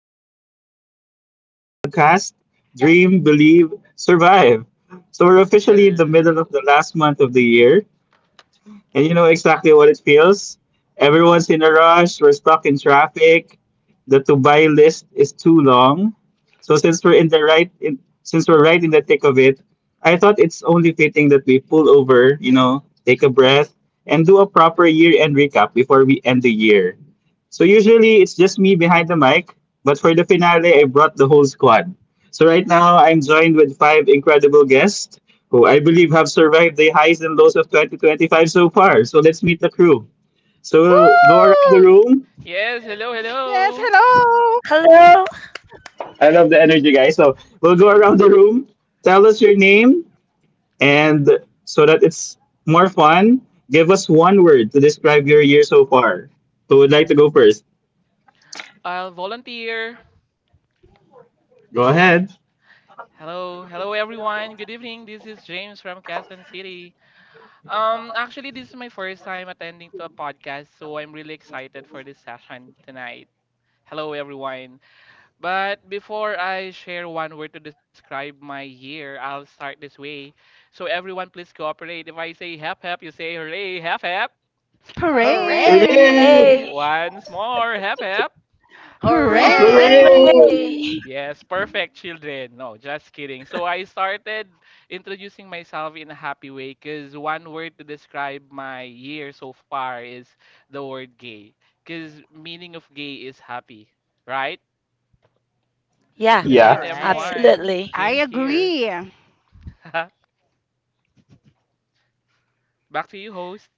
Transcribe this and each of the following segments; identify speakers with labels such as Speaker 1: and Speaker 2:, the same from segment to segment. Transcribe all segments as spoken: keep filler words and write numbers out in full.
Speaker 1: Welcome to the Starstruck podcast. Dream, believe, survive. So we're officially in the middle of the
Speaker 2: Hello.
Speaker 1: last month of the year, and you know exactly what it feels? Everyone's in a rush, we're stuck in traffic, the to buy list is too long. So since we're in the right in, since we're right in the thick of it, I thought it's only fitting that we pull over, you know, take a breath and do a proper year-end recap before we end the year. So usually it's just me behind the mic, but for the finale I brought the whole squad. So right now I'm joined with five incredible guests who I believe have survived the highs and lows of two thousand twenty-five so far. So let's meet the crew. So we'll go around the
Speaker 3: Woo!
Speaker 1: room.
Speaker 2: Yes, hello,
Speaker 3: Yes,
Speaker 2: hello.
Speaker 3: hello!
Speaker 4: Hello.
Speaker 1: I love the energy, guys. So we'll go
Speaker 2: Yes,
Speaker 1: around the room. Tell us your name, and so that it's more fun, give us one word to describe your year so far. Who would like to go first?
Speaker 2: I'll volunteer.
Speaker 1: Go ahead.
Speaker 2: Hello, hello everyone. Good evening. This is James from Quezon City. Um, actually, this is my first time attending to a podcast, so I'm really excited for this session tonight. Hello, everyone. But before I share one word to describe my year, I'll start this way. So everyone, please cooperate. If I say hep hep, you say hooray. Hep hep.
Speaker 5: Hooray!
Speaker 3: Hooray!
Speaker 1: Hooray!
Speaker 6: Hooray!
Speaker 4: Hey.
Speaker 2: Once more, hep hep.
Speaker 3: Hooray!
Speaker 5: Hooray!
Speaker 1: Hooray!
Speaker 4: Hooray.
Speaker 6: Hooray!
Speaker 2: Yes, perfect, children. No, just kidding. So I started introducing myself in a happy way because one word to describe my year so far is the word gay. Because meaning of gay is happy, right?
Speaker 4: Yeah,
Speaker 2: That's
Speaker 5: Yeah,
Speaker 2: it,
Speaker 6: Yes,
Speaker 1: Yeah.
Speaker 5: right.
Speaker 2: everyone.
Speaker 4: absolutely.
Speaker 3: I
Speaker 2: James here.
Speaker 3: agree.
Speaker 2: Back to you, host.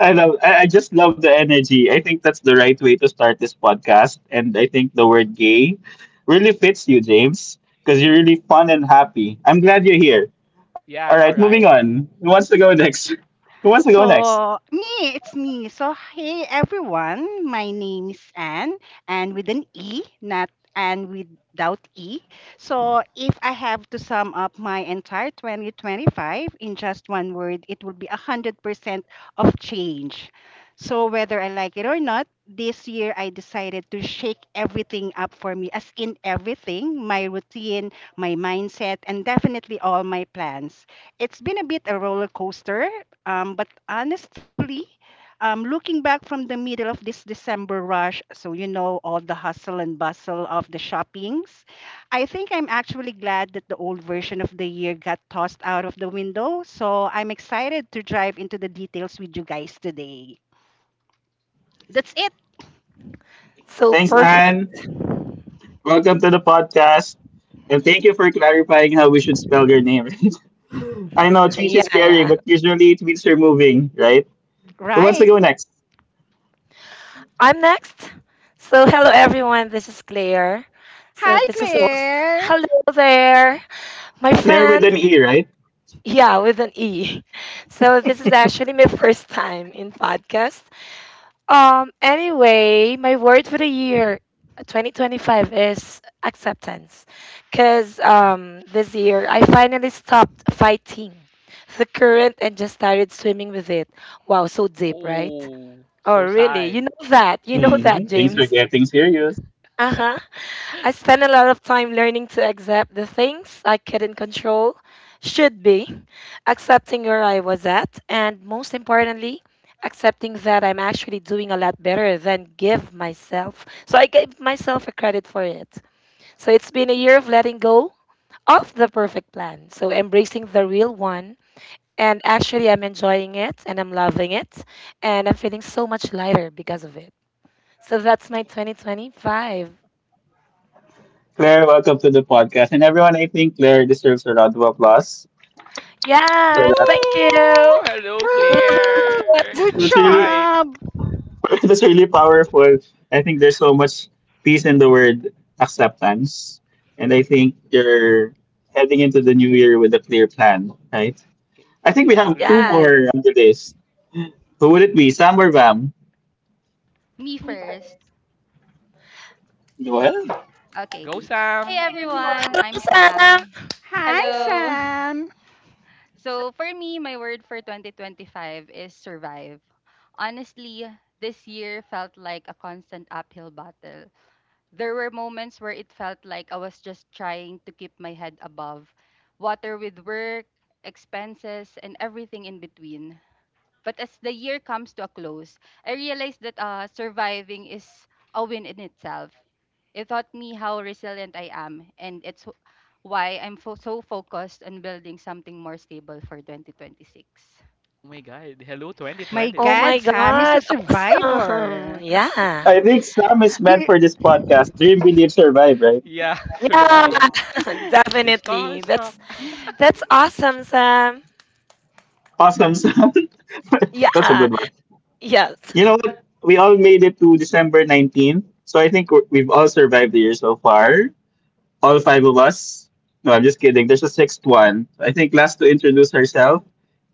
Speaker 1: I love. I, I just love the energy. I think that's the right way to start this podcast, and I think the word "gay" really fits you, James, because you're really fun and happy. I'm glad you're here. All right,
Speaker 2: Yeah, I know,
Speaker 1: moving
Speaker 2: right?
Speaker 1: on. Who wants to go next? Who wants to go next?
Speaker 3: So, me, it's me. So, hey everyone, my name is Anne, and with an E, not Anne without E. So, if I have to sum up my entire twenty twenty-five in just one word, it will be one hundred percent of change. So, whether I like it or not, this year I decided to shake everything up for me, as in everything, my routine, my mindset, and definitely all my plans. It's been a bit a roller coaster, um, but honestly, um, looking back from the middle of this December rush, so you know all the hustle and bustle of the shoppings, I think I'm actually glad that the old version of the year got tossed out of the window. So I'm excited to dive into the details with you guys today. That's it,
Speaker 4: So
Speaker 1: Thanks,
Speaker 4: perfect.
Speaker 1: Anne. Welcome to the podcast, and thank you for clarifying how we should spell your name. I know change
Speaker 4: Yeah,
Speaker 1: is scary,
Speaker 4: yeah.
Speaker 1: but usually it means you're moving, right? Who wants to
Speaker 3: right?
Speaker 1: go next?
Speaker 4: I'm next. So hello everyone. This is Claire. So
Speaker 3: Hi,
Speaker 4: this is also
Speaker 3: Claire.
Speaker 4: hello there, my
Speaker 1: Claire with
Speaker 4: friend.
Speaker 1: an E, right?
Speaker 4: Yeah, with an E. So this is actually my first time in podcast. Um, anyway, my word for the year twenty twenty-five is acceptance. Because um, this year I finally stopped fighting the current and just started swimming with it. Wow, so deep, right?
Speaker 2: Oh,
Speaker 4: Oh,
Speaker 2: so
Speaker 4: really? You
Speaker 2: sad.
Speaker 4: know that. You know
Speaker 1: mm hmm
Speaker 4: that,
Speaker 1: Things for
Speaker 4: James.
Speaker 1: getting serious.
Speaker 4: Uh huh. I spent a lot of time learning to accept the things I couldn't control, should be, accepting where I was at, and most importantly, accepting that I'm actually doing a lot better than give myself. So I gave myself a credit for it. So it's been a year of letting go of the perfect plan. So embracing the real one. And actually, I'm enjoying it and I'm loving it. And I'm feeling so much lighter because of it. So that's my twenty twenty-five.
Speaker 1: Claire, welcome to the podcast. And everyone, I think Claire deserves a round of applause for
Speaker 4: Yes,
Speaker 1: that.
Speaker 4: thank
Speaker 2: Woo!
Speaker 4: you. Love
Speaker 2: Hello,
Speaker 4: it,
Speaker 3: Woo!
Speaker 4: love
Speaker 2: Claire.
Speaker 3: Good
Speaker 4: it.
Speaker 1: That's
Speaker 2: Fight.
Speaker 1: really
Speaker 3: job.
Speaker 1: that's really powerful. I think there's so much peace in the word acceptance. And I think you're heading into the new year with a clear plan, right? I think
Speaker 2: Yeah,
Speaker 1: we have two
Speaker 2: agree.
Speaker 4: Yes.
Speaker 1: more on the list. Who would it be? Sam or Vam?
Speaker 6: me first.
Speaker 1: Well,
Speaker 6: Okay.
Speaker 2: Go,
Speaker 6: Hey,
Speaker 2: Sam.
Speaker 6: everyone,
Speaker 4: Hello,
Speaker 6: I'm Sam.
Speaker 4: Sam.
Speaker 3: Hi,
Speaker 6: Hello.
Speaker 3: Sam.
Speaker 6: So for me, my word for twenty twenty-five is survive. Honestly, this year felt like a constant uphill battle. There were moments where it felt like I was just trying to keep my head above water with work, expenses, and everything in between. But as the year comes to a close, I realized that uh, surviving is a win in itself. It taught me how resilient I am, and it's wh- why I'm fo- so focused on building something more stable for twenty twenty-six.
Speaker 2: Oh my god, hello
Speaker 3: My
Speaker 4: Oh my
Speaker 3: God,
Speaker 2: twenty twenty-six.
Speaker 3: Sam is a
Speaker 4: God. Awesome.
Speaker 3: survivor.
Speaker 4: Yeah.
Speaker 1: I think Sam is meant
Speaker 3: Do-
Speaker 1: for this podcast. Dream, believe, survive, right?
Speaker 2: Yeah,
Speaker 4: Yeah,
Speaker 2: survive.
Speaker 6: Yeah.
Speaker 4: definitely. That's
Speaker 2: Starstruck.
Speaker 4: that's awesome, Sam.
Speaker 1: Awesome, Sam. That's a
Speaker 4: Yeah.
Speaker 1: good one.
Speaker 4: Yes.
Speaker 1: You know what? We all made it to December nineteenth. So I think we're- we've all survived the year so far. All five of us. No, I'm just kidding. There's a sixth one. I think last to introduce herself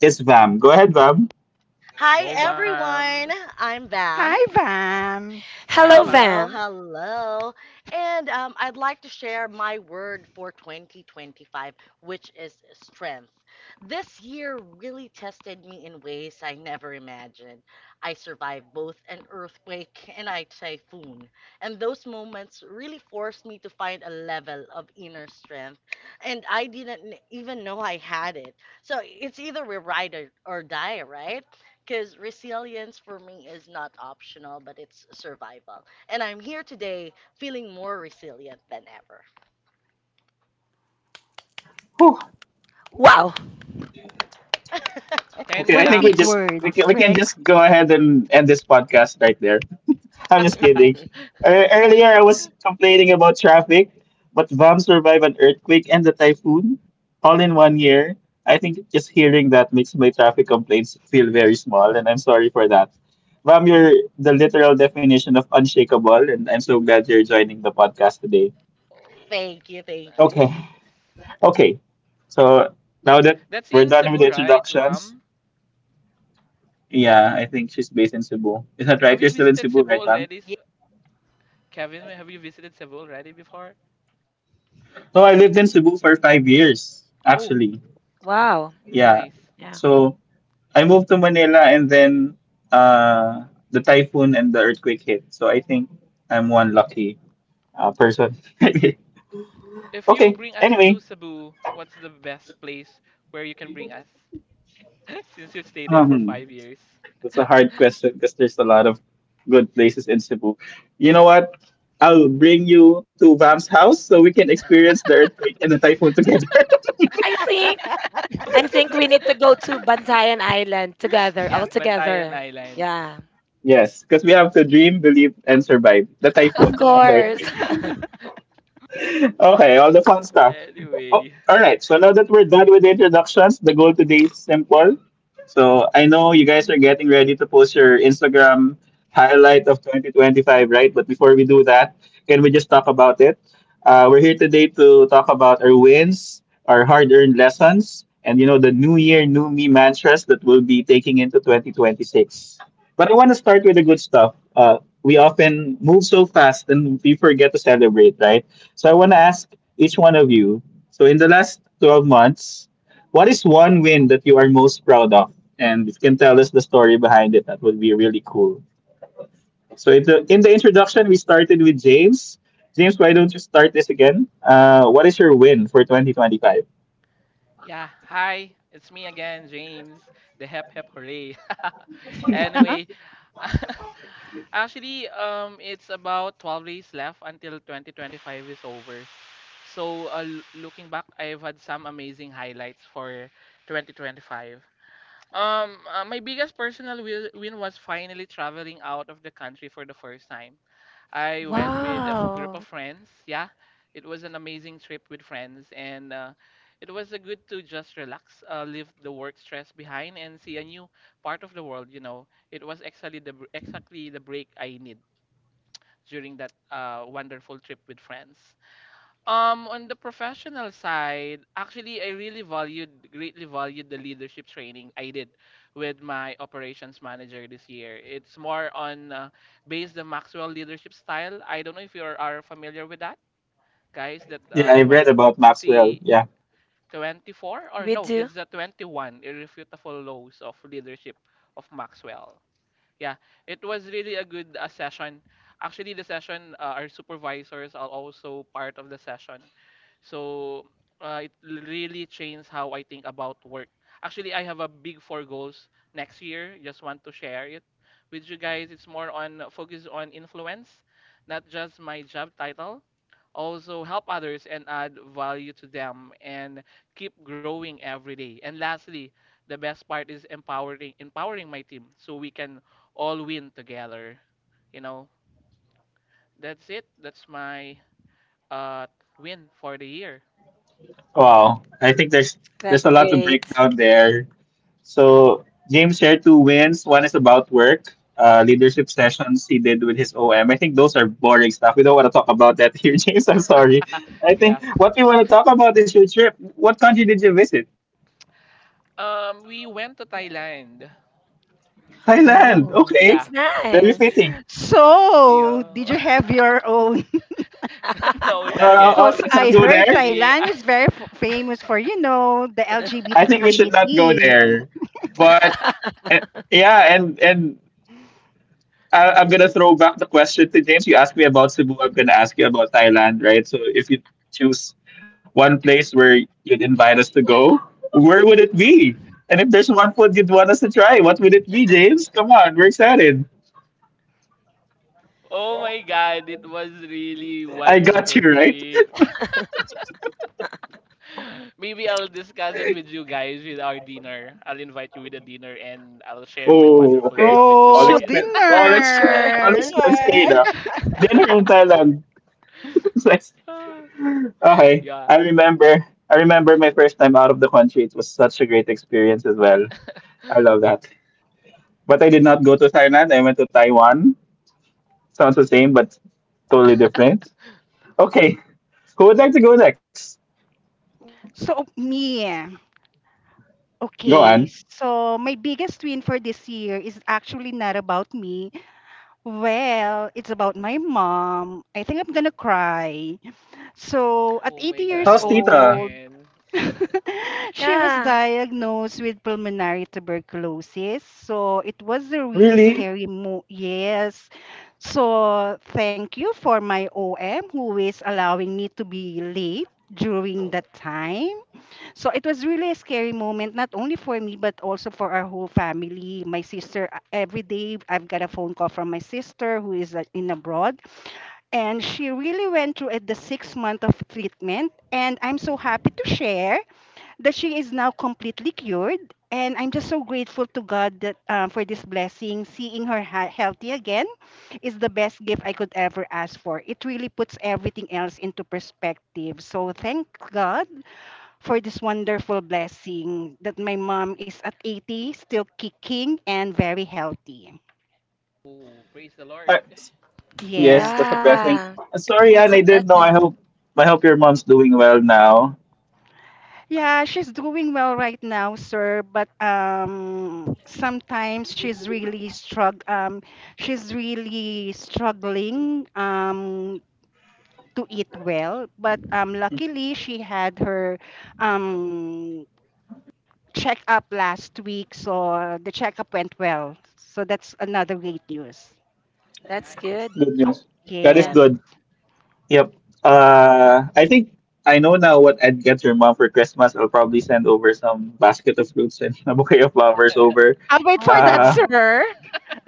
Speaker 1: is Vam. Go ahead, Vam.
Speaker 5: Hi,
Speaker 2: Go Vam.
Speaker 5: everyone. I'm
Speaker 3: Hi,
Speaker 5: Bam.
Speaker 3: Pam.
Speaker 2: Hi
Speaker 4: Hello,
Speaker 2: Vam.
Speaker 5: Hello,
Speaker 4: Vam.
Speaker 5: hello. And um, I'd like to share my word for twenty twenty-five, which is strength. This year really tested me in ways I never imagined. I survived both an earthquake and a typhoon. And those moments really forced me to find a level of inner strength. And I didn't even know I had it. So it's either we ride or, or die, right? Because resilience for me is not optional, but it's survival. And I'm here today feeling more resilient than
Speaker 1: Whew.
Speaker 4: Wow.
Speaker 2: ten
Speaker 1: Okay, I
Speaker 3: What a
Speaker 1: think we
Speaker 2: claps.
Speaker 3: big
Speaker 1: just we
Speaker 3: word,
Speaker 1: can, we can
Speaker 3: strength.
Speaker 1: just go ahead and end this podcast right there. I'm just kidding. Ear-
Speaker 5: ever.
Speaker 1: Earlier, I was complaining about traffic, but V A M survived an earthquake and a typhoon all in one year. I think just hearing that makes my traffic complaints feel very small, and I'm sorry for that. V A M, you're the literal definition of unshakable, and I'm so glad you're joining the podcast today.
Speaker 2: Oh,
Speaker 5: Thank you, thank you.
Speaker 1: Okay,
Speaker 2: nice.
Speaker 1: okay. So now that
Speaker 2: That's
Speaker 1: we're
Speaker 2: in
Speaker 1: done with
Speaker 2: Cebu,
Speaker 1: the
Speaker 2: right,
Speaker 1: introductions,
Speaker 2: Vam?
Speaker 1: yeah, I think she's based in Cebu. Is that right?
Speaker 2: Have
Speaker 1: You're
Speaker 2: you
Speaker 1: still in
Speaker 2: visited
Speaker 1: Cebu,
Speaker 2: Cebu
Speaker 1: right, ma'am?
Speaker 2: already, s-
Speaker 5: Yeah.
Speaker 2: Kevin? Have you visited Cebu already before?
Speaker 1: No, I lived in Cebu for five years,
Speaker 2: Oh,
Speaker 1: actually.
Speaker 4: Wow. Mm,
Speaker 1: Yeah.
Speaker 2: nice.
Speaker 4: yeah.
Speaker 1: So I moved to Manila and then uh, the typhoon and the earthquake hit. So I think I'm one lucky uh, person.
Speaker 2: If you
Speaker 1: Okay.
Speaker 2: bring us
Speaker 1: Anyway,
Speaker 2: to Cebu, what's the best place where you can bring us? Since you stayed there for
Speaker 1: um,
Speaker 2: five years.
Speaker 1: that's a hard question because there's a lot of good places in Cebu. You know what? I'll bring you to Vam's house so we can experience the earthquake and the typhoon together.
Speaker 4: I think I think we need to go to Bantayan Island together, all
Speaker 2: Yeah, Bantayan
Speaker 4: together.
Speaker 2: Island.
Speaker 4: Yeah.
Speaker 1: Yes, because we have to dream, believe, and survive the
Speaker 4: Of
Speaker 1: typhoon and the
Speaker 6: Yes.
Speaker 4: course.
Speaker 1: earthquake. Okay, all the fun stuff. Oh,
Speaker 2: Anyway,
Speaker 1: all right, so now that we're done with the introductions, the goal today is simple. So I know you guys are getting ready to post your Instagram highlight of twenty twenty-five, right? But before we do that, can we just talk about it? Uh, we're here today to talk about our wins, our hard-earned lessons, and you know the new year, new me mantras that we'll be taking into twenty twenty-six. But I want to start with the good stuff. Uh, we often move so fast and we forget to celebrate, right? So I want to ask each one of you. So in the last twelve months, what is one win that you are most proud of? And if you can tell us the story behind it, that would be really cool. So in the, in the introduction, we started with James. James, why don't you start this again? Uh, what is your win for twenty twenty-five?
Speaker 2: yeah, hi, it's me again, James, the hep hep hooray. Anyway, actually, um, it's about twelve days left until twenty twenty-five is over. So, uh, l- looking back, I've had some amazing highlights for twenty twenty-five. Um, uh, my biggest personal wi- win was finally traveling out of the country for the first time. I went with a f- group
Speaker 4: Wow.
Speaker 2: of friends. Yeah, it was an amazing trip with friends, and uh, it was a good to just relax, uh, leave the work stress behind, and see a new part of the world. You know, it was exactly the br- exactly the break I need during that uh, wonderful trip with friends. Um, on the professional side, actually, I really valued, greatly valued the leadership training I did with my operations manager this year. It's more on uh, based the Maxwell leadership style. I don't know if you are, are familiar with that, guys. That
Speaker 1: Yeah,
Speaker 2: uh,
Speaker 1: I read
Speaker 2: 20,
Speaker 1: about Maxwell. Yeah.
Speaker 4: We
Speaker 2: twenty-four
Speaker 4: do.
Speaker 2: or no, it's the twenty-one irrefutable laws of leadership of Maxwell. Yeah, it was really a good uh, session. Actually, the session, uh, our supervisors are also part of the session, so uh, it l- really changed how I think about work. Actually, I have a big four goals next year. Just want to share it with you guys. It's more on focus on influence, not just my job title. Also help others and add value to them and keep growing every day. And lastly, the best part is empowering empowering my team so we can all win together. You know, that's it. That's my uh win for the year.
Speaker 1: Wow. I think there's
Speaker 4: That's
Speaker 1: there's a lot
Speaker 4: great.
Speaker 1: to break down there. So James shared two wins. One is about work, uh, leadership sessions he did with his O M. I think those are boring stuff. We don't want to talk about that here, James. I'm sorry. I think
Speaker 2: Yeah.
Speaker 1: what we want to talk about is your trip. What country did you visit?
Speaker 2: Um, we went to Thailand.
Speaker 1: Thailand.
Speaker 4: Oh,
Speaker 1: Okay,
Speaker 4: that's
Speaker 2: Yeah.
Speaker 1: very
Speaker 4: nice.
Speaker 1: fitting.
Speaker 3: So,
Speaker 2: Yeah.
Speaker 3: did you have your own?
Speaker 2: No,
Speaker 1: No,
Speaker 2: not
Speaker 1: no,
Speaker 2: yet.
Speaker 1: oh,
Speaker 3: Because
Speaker 1: let's
Speaker 3: I
Speaker 1: not go
Speaker 3: heard
Speaker 1: there.
Speaker 2: Actually, I,
Speaker 3: Thailand is very f- famous for, you know, the L G B T
Speaker 1: I think we should not go
Speaker 3: community.
Speaker 2: yeah.
Speaker 1: there. But eh, yeah, and and I, I'm gonna throw back the question to James. You asked me about Cebu. I'm gonna ask you about Thailand, right? So if you choose one place where you'd invite us to go, where would it be? And if there's one food you'd want us to try, what would it be, James? Come on, we're excited.
Speaker 2: Oh my God, it was really
Speaker 1: I got you,
Speaker 2: wonderful
Speaker 1: right?
Speaker 2: trip. Maybe I'll discuss it with you guys with our dinner. I'll invite you with a dinner and I'll share my
Speaker 1: Oh,
Speaker 2: wonderful
Speaker 1: okay.
Speaker 2: trip with you
Speaker 4: Sure,
Speaker 1: All
Speaker 3: Oh,
Speaker 2: guys.
Speaker 1: expense, all ex,
Speaker 4: sure.
Speaker 1: all
Speaker 3: dinner.
Speaker 1: expense
Speaker 5: Dinner.
Speaker 1: paid. Ah. Dinner in Thailand. Nice.
Speaker 2: Ah,
Speaker 1: Okay, I
Speaker 2: yeah.
Speaker 1: remember. I remember my first time out of the country. It was such a great experience as well. I love that. But I did not go to Thailand. I went to Taiwan. Sounds the same, but totally different. Okay, who would like to go next?
Speaker 3: So, me.
Speaker 1: Go
Speaker 3: Okay,
Speaker 1: on.
Speaker 3: so my biggest win for this year is actually not about me. Well, it's about my mom. I think I'm gonna cry. So at
Speaker 2: Oh my
Speaker 3: eighty years
Speaker 2: God,
Speaker 1: How's
Speaker 2: hold it
Speaker 3: old,
Speaker 1: Tita?
Speaker 2: and
Speaker 3: she was
Speaker 4: Yeah,
Speaker 3: diagnosed with pulmonary tuberculosis. So it was a really
Speaker 1: Really?
Speaker 3: scary mo Yes. So thank you for my O M who is allowing me to be late during that time. So it was really a scary moment, not only for me, but also for our whole family. My sister, uh, every day I've got a phone call from my sister who is, uh, in abroad, and she really went through it, the six month of treatment, and I'm so happy to share that she is now completely cured, and I'm just so grateful to god that, uh, for this blessing, seeing her ha- healthy again is the best gift I could ever ask for. It really puts everything else into perspective, so thank god for this wonderful blessing that my mom is at eighty, still kicking and very healthy.
Speaker 2: oh, praise the
Speaker 1: Uh,
Speaker 2: Lord.
Speaker 1: yes,
Speaker 3: Yes.
Speaker 1: that's a blessing.
Speaker 4: yeah.
Speaker 1: Uh, Sorry,
Speaker 4: That's a
Speaker 1: Anne, I
Speaker 5: Wow.
Speaker 1: didn't know.
Speaker 4: blessing.
Speaker 1: I hope I hope your mom's doing well now.
Speaker 3: Yeah, she's doing well right now, sir, but um sometimes she's really strugg um she's really struggling, um to eat well, but um luckily she had her, um checkup last week, so the checkup went well. So that's another great news.
Speaker 4: That's
Speaker 2: Nice.
Speaker 4: good.
Speaker 1: Good news. That is
Speaker 4: Yeah.
Speaker 3: Yes.
Speaker 1: good. Yep. Uh, I think I know now what I'd get your mom for Christmas. I'll probably send over some basket of fruits and a bouquet of flowers over.
Speaker 3: I'll wait for that,
Speaker 1: Uh,
Speaker 4: Oh,
Speaker 3: sir.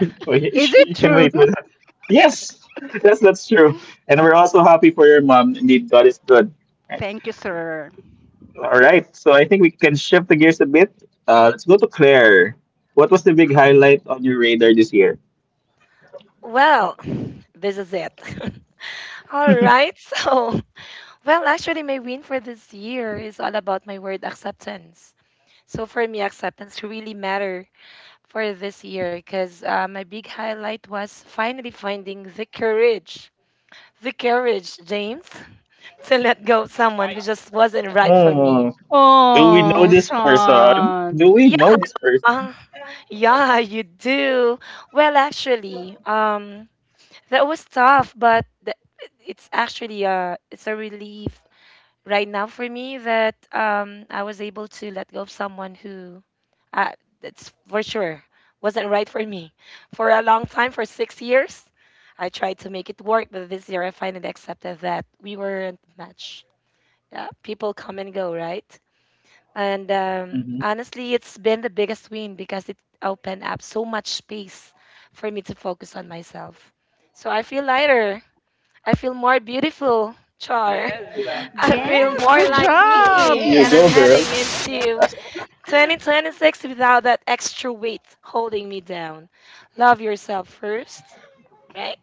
Speaker 1: Oh, yeah,
Speaker 3: Is
Speaker 1: sh-
Speaker 3: it
Speaker 1: you can
Speaker 3: true?
Speaker 1: wait for that. Yes, yes, that's true. And we're also happy for your mom. Indeed, God is good. Right.
Speaker 3: Thank you, sir.
Speaker 1: All right, so I think we can shift the gears a bit. Uh, let's go to Claire. What was the big highlight on your radar this year?
Speaker 4: well, this is it. All right. So, well, actually, my win for this year is all about my word acceptance. So for me, acceptance really matter for this year because uh, my big highlight was finally finding the courage, the courage, James, to let go of
Speaker 2: Yeah,
Speaker 4: someone who
Speaker 2: fight.
Speaker 4: just wasn't right for me.
Speaker 1: Oh, do we know
Speaker 3: Oh,
Speaker 1: this person?
Speaker 3: son.
Speaker 1: Do we know this person?
Speaker 4: Yeah, yeah, you do. Well, actually, um, that was tough, but th- it's actually a it's a relief right now for me that um I was able to let go of someone who, uh, that's for sure wasn't right for me. For a long time, for six years, I tried to make it work, but this year I finally accepted that we weren't a match. Yeah, people come and go, right? And um,
Speaker 1: Hmm.
Speaker 4: honestly, it's been the biggest win because it opened up so much space for me to focus on myself. So I feel lighter. I feel more beautiful, Char.
Speaker 2: Yes, uh,
Speaker 4: I
Speaker 1: Yeah,
Speaker 4: feel
Speaker 2: nice.
Speaker 3: Yes,
Speaker 4: more
Speaker 3: good
Speaker 4: like me.
Speaker 3: job.
Speaker 1: you
Speaker 4: And
Speaker 5: Yes.
Speaker 4: I'm
Speaker 1: go, girl.
Speaker 4: heading into
Speaker 1: I
Speaker 4: twenty twenty-six without that extra weight holding me down. Love yourself first, right?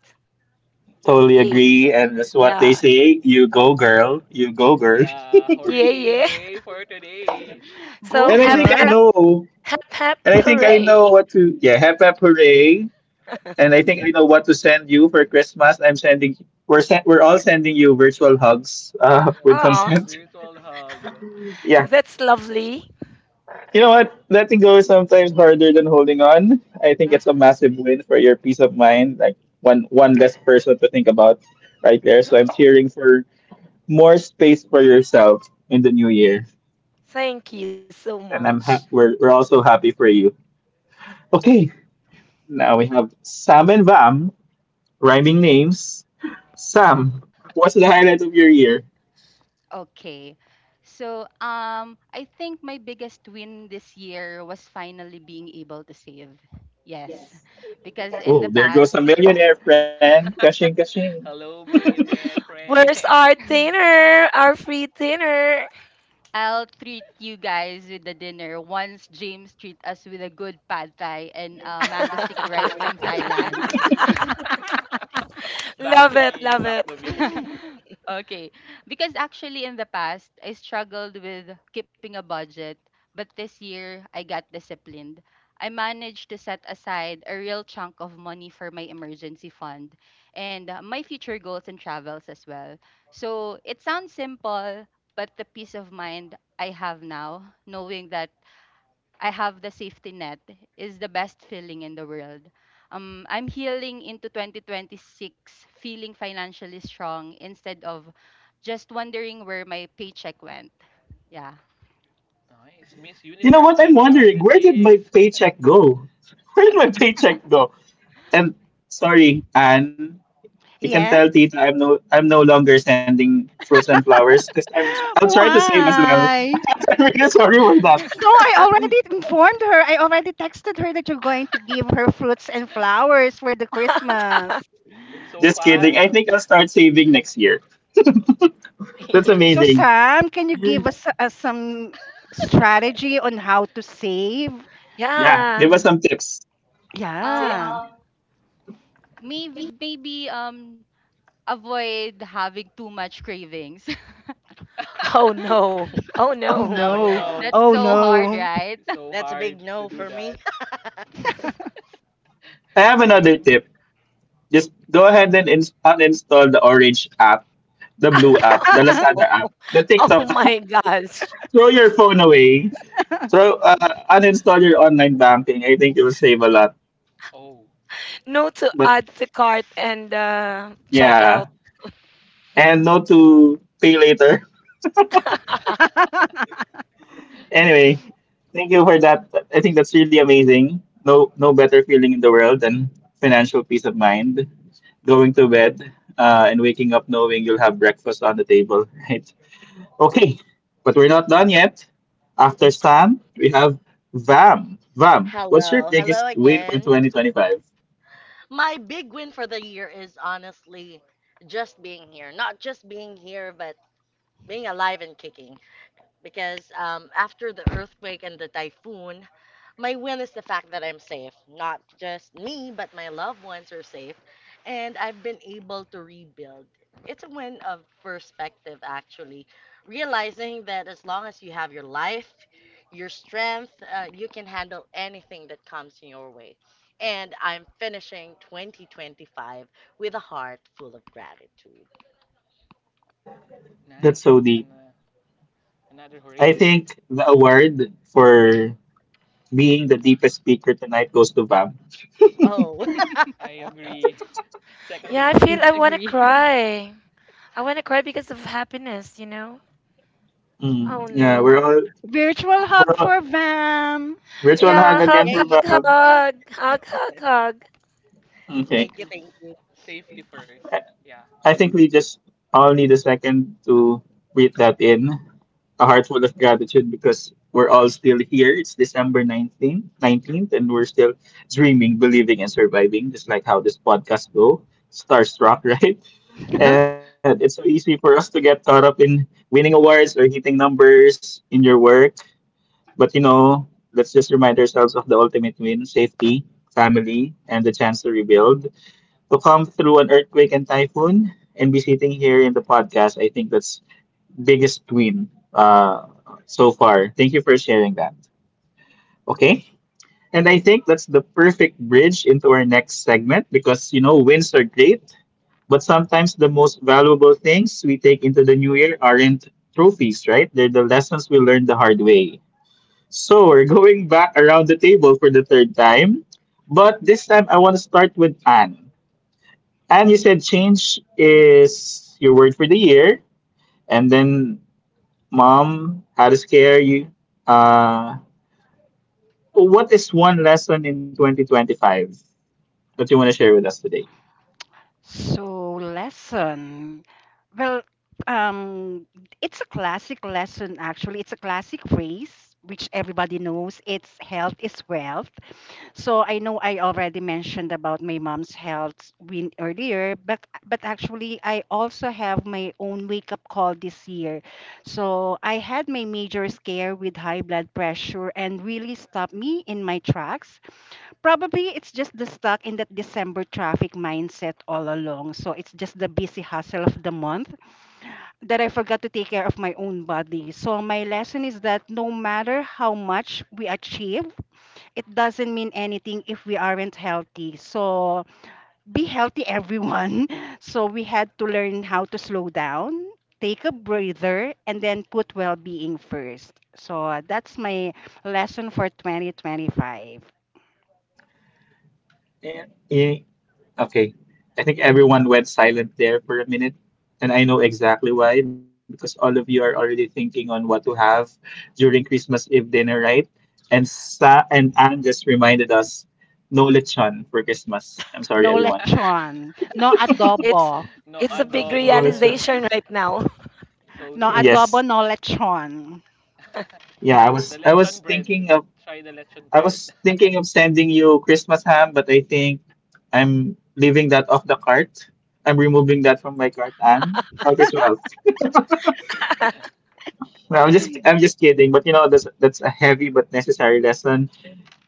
Speaker 1: totally
Speaker 4: Yeah.
Speaker 1: agree, and that's what they
Speaker 4: Yeah.
Speaker 1: say. You go, girl. You go, girl.
Speaker 2: Yeah,
Speaker 4: Yeah,
Speaker 2: hooray,
Speaker 4: yeah.
Speaker 2: hooray for today.
Speaker 4: So,
Speaker 3: Go
Speaker 1: And I
Speaker 4: hap,
Speaker 1: think I
Speaker 3: girl.
Speaker 4: hap,
Speaker 1: know.
Speaker 4: hap, hap,
Speaker 1: And I think I
Speaker 4: hooray.
Speaker 1: know what to yeah, have a parade. And I think I know what to send you for Christmas. I'm sending we're sen- we're all sending you virtual hugs uh, with
Speaker 4: Aw,
Speaker 2: Yeah,
Speaker 1: consent.
Speaker 2: virtual hug.
Speaker 1: Yeah.
Speaker 4: that's lovely.
Speaker 1: You know what? Letting go is sometimes harder than holding on. I think
Speaker 4: Mm.
Speaker 1: it's a massive win for your peace of mind. Like one one less person to think about right there. So I'm cheering for more space for yourself in the new year.
Speaker 4: Thank you so
Speaker 1: And I'm
Speaker 4: much.
Speaker 1: ha- we're we're also happy for you. Okay. Now we have Sam and Vam. Rhyming names. Sam, what's the highlight of your year?
Speaker 6: Okay. So, um, I think my biggest win this year was finally being able to save. Yes, because in the
Speaker 1: Oh, there goes
Speaker 6: past,
Speaker 1: a millionaire friend. Kashing, kashing.
Speaker 2: Hello, millionaire friend.
Speaker 4: Where's our dinner? Our free dinner.
Speaker 6: I'll treat you guys with the dinner once James treat us with a good pad thai and uh, mango sticky rice from Thailand.
Speaker 2: Back
Speaker 4: love
Speaker 2: to
Speaker 4: it,
Speaker 2: me,
Speaker 4: love
Speaker 2: back
Speaker 4: it.
Speaker 2: to me.
Speaker 6: Okay, because actually in the past I struggled with keeping a budget, but this year I got disciplined. I managed to set aside a real chunk of money for my emergency fund and uh, my future goals and travels as well. So it sounds simple, but the peace of mind I have now, knowing that I have the safety net, is the best feeling in the world. Um, I'm healing into twenty twenty-six feeling financially strong instead of just wondering where my paycheck went. Yeah.
Speaker 2: Nice, Miss
Speaker 1: You know
Speaker 2: Universe
Speaker 1: what? I'm wondering, where did
Speaker 2: twenty twenty-six.
Speaker 1: my paycheck go? Where did my paycheck go? And sorry, Anne, you can tell
Speaker 3: Yes.
Speaker 1: Tita I'm no I'm no longer sending fruits and flowers because I'm I'll try to save as well.
Speaker 3: Why?
Speaker 1: I'm really sorry for
Speaker 3: No,
Speaker 1: that.
Speaker 3: I already informed her. I already texted her that you're going to give her fruits and flowers for the Christmas.
Speaker 2: So
Speaker 1: Just kidding.
Speaker 2: fast.
Speaker 1: I think I'll start saving next year. That's
Speaker 4: yeah.
Speaker 3: So,
Speaker 1: amazing.
Speaker 3: Sam, can you give us uh, some strategy on how to save?
Speaker 1: Yeah, give us
Speaker 4: Yeah.
Speaker 1: some tips.
Speaker 4: Ti-
Speaker 6: Um,
Speaker 3: Yeah.
Speaker 6: maybe maybe um avoid having too much cravings.
Speaker 4: Oh no. Oh
Speaker 3: Oh
Speaker 4: no.
Speaker 5: Oh
Speaker 2: Oh
Speaker 3: no.
Speaker 5: no.
Speaker 2: no,
Speaker 6: That's
Speaker 3: Oh
Speaker 6: so hard,
Speaker 3: no.
Speaker 6: right?
Speaker 2: it's so
Speaker 5: That's a
Speaker 2: hard
Speaker 5: big
Speaker 2: to
Speaker 5: no
Speaker 2: do
Speaker 5: for
Speaker 2: that.
Speaker 5: me.
Speaker 1: I have another
Speaker 2: Same.
Speaker 1: tip. Just go ahead and ins uninstall the Orange app, the Blue app, the Lazada app, the
Speaker 4: oh
Speaker 1: TikTok
Speaker 4: my
Speaker 1: app.
Speaker 4: gosh.
Speaker 1: Throw your phone away. Throw uh, uninstall your online banking. I think it will save a lot.
Speaker 2: Oh,
Speaker 4: No to
Speaker 1: But
Speaker 4: add to cart and uh, check
Speaker 1: yeah,
Speaker 4: out.
Speaker 1: and no to pay later. Anyway, thank you for that. I think that's really amazing. No, No better feeling in the world than financial peace of mind. Going to bed uh, and waking up knowing you'll have breakfast on the table, right? Okay, but we're not done yet. After Stan, we have Vam. Vam, what's your
Speaker 5: Hello.
Speaker 1: biggest
Speaker 5: Hello
Speaker 1: win for
Speaker 5: again.
Speaker 1: twenty twenty-five?
Speaker 5: My big win for the year is honestly just being here. Not just being here, but being alive and kicking. because um, after the earthquake and the typhoon, my win is the fact that I'm safe. Not just me, but my loved ones are safe, and I've been able to rebuild. It's a win of perspective, actually. Realizing that as long as you have your life, your strength, uh, you can handle anything that comes in your way. And I'm finishing twenty twenty-five with a heart full of gratitude.
Speaker 1: That's
Speaker 2: nice.
Speaker 1: so
Speaker 2: An-
Speaker 1: deep.
Speaker 2: another
Speaker 1: I
Speaker 2: hooray.
Speaker 1: think the award for being the deepest speaker tonight goes to Vam.
Speaker 5: Oh,
Speaker 2: I agree. Second
Speaker 4: Yeah, I feel I
Speaker 2: demotion.
Speaker 4: want to
Speaker 6: Agree.
Speaker 4: cry. I want to cry because of happiness, you know? Oh
Speaker 1: Mm, yeah, we're
Speaker 4: no.
Speaker 1: all,
Speaker 3: Virtual
Speaker 1: we're
Speaker 3: hub
Speaker 1: all
Speaker 3: for Vam.
Speaker 1: virtual
Speaker 2: Yeah.
Speaker 4: Yeah,
Speaker 1: hug
Speaker 4: hug,
Speaker 1: again
Speaker 5: yay,
Speaker 1: for
Speaker 5: yay!
Speaker 4: hug,
Speaker 1: Vam.
Speaker 4: hug. Hug, hug, hug.
Speaker 1: Okay,
Speaker 5: Thank you,
Speaker 2: Because
Speaker 5: thank you.
Speaker 2: safety first.
Speaker 1: I,
Speaker 2: Yeah.
Speaker 1: I think we just all need a second to read that in. A heart full of gratitude because we're all still here. It's December 19th, 19th, and we're still dreaming, believing, and surviving, just like how this podcast go. Starstruck, right? And it's so easy for us to get caught up in winning awards or hitting numbers in your work. But you know, let's just remind ourselves of the ultimate win safety, family, and the chance to rebuild. To come through an earthquake and typhoon and be sitting here in the podcast, I think that's biggest win uh, so far. Thank you for sharing that. Okay. And I think that's the perfect bridge into our next segment because, you know, wins are great, but sometimes the most valuable things we take into the new year aren't trophies, right? They're the lessons we learned the hard way. So we're going back around the table for the third time, but this time I want to start with Anne. Anne, you said change is your word for the year, and then Mom, how to scare you. Uh, what is one lesson in twenty twenty-five that you want to share with us today?
Speaker 3: So, lesson. Well, um, it's a classic lesson, actually. It's a classic phrase, which everybody knows. It's health is wealth. So, I know I already mentioned about my mom's health win earlier, but but actually, I also have my own wake up call this year. So, I had my major scare with high blood pressure and really stopped me in my tracks. Probably it's just the stuck in that December traffic mindset all along. So it's just the busy hustle of the month that I forgot to take care of my own body. So my lesson is that no matter how much we achieve, it doesn't mean anything if we aren't healthy. So be healthy, everyone. So we had to learn how to slow down, take a breather, and then put well being first. So that's my lesson for twenty twenty-five.
Speaker 1: Eh, eh, Okay, I think everyone went silent there for a minute, and I know exactly why because all of you are already thinking on what to have during Christmas Eve dinner, right? And Sa and Anne just reminded us no lechon for Christmas. I'm sorry,
Speaker 3: No
Speaker 1: everyone.
Speaker 3: lechon. No adobo.
Speaker 4: It's
Speaker 2: No
Speaker 4: it's a big
Speaker 1: No
Speaker 2: adobo.
Speaker 1: lechon.
Speaker 4: realization right now.
Speaker 2: So
Speaker 3: No
Speaker 2: sad.
Speaker 3: adobo,
Speaker 1: Yes.
Speaker 3: no lechon.
Speaker 1: Yeah, I
Speaker 2: The
Speaker 1: was I
Speaker 2: lechon
Speaker 1: was
Speaker 2: bread.
Speaker 1: thinking
Speaker 2: Try the lechon
Speaker 1: I
Speaker 2: bread.
Speaker 1: was thinking of sending you Christmas ham, but I think I'm leaving that off the cart. I'm removing that from my cart, and Health as well. No, I'm just I'm just kidding, but you know that's that's a heavy but necessary lesson.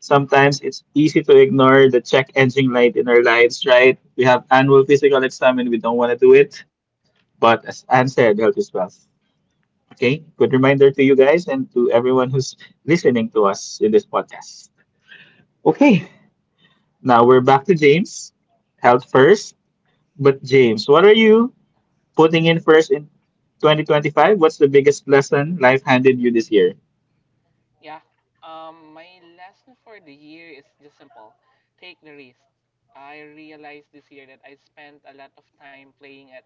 Speaker 1: Sometimes it's easy to ignore the check engine light in our lives, right? We have annual physical exam and we don't want to do it. But as Anne said, health is wealth. Okay, good reminder to you guys and to everyone who's listening to us in this podcast. Okay, now we're back to James. Health first. But James, what are you putting in first in twenty twenty-five? What's the biggest lesson life handed you this year?
Speaker 2: Yeah. Um, my lesson for the year is just simple. Take the risk. I realized this year that I spent a lot of time playing at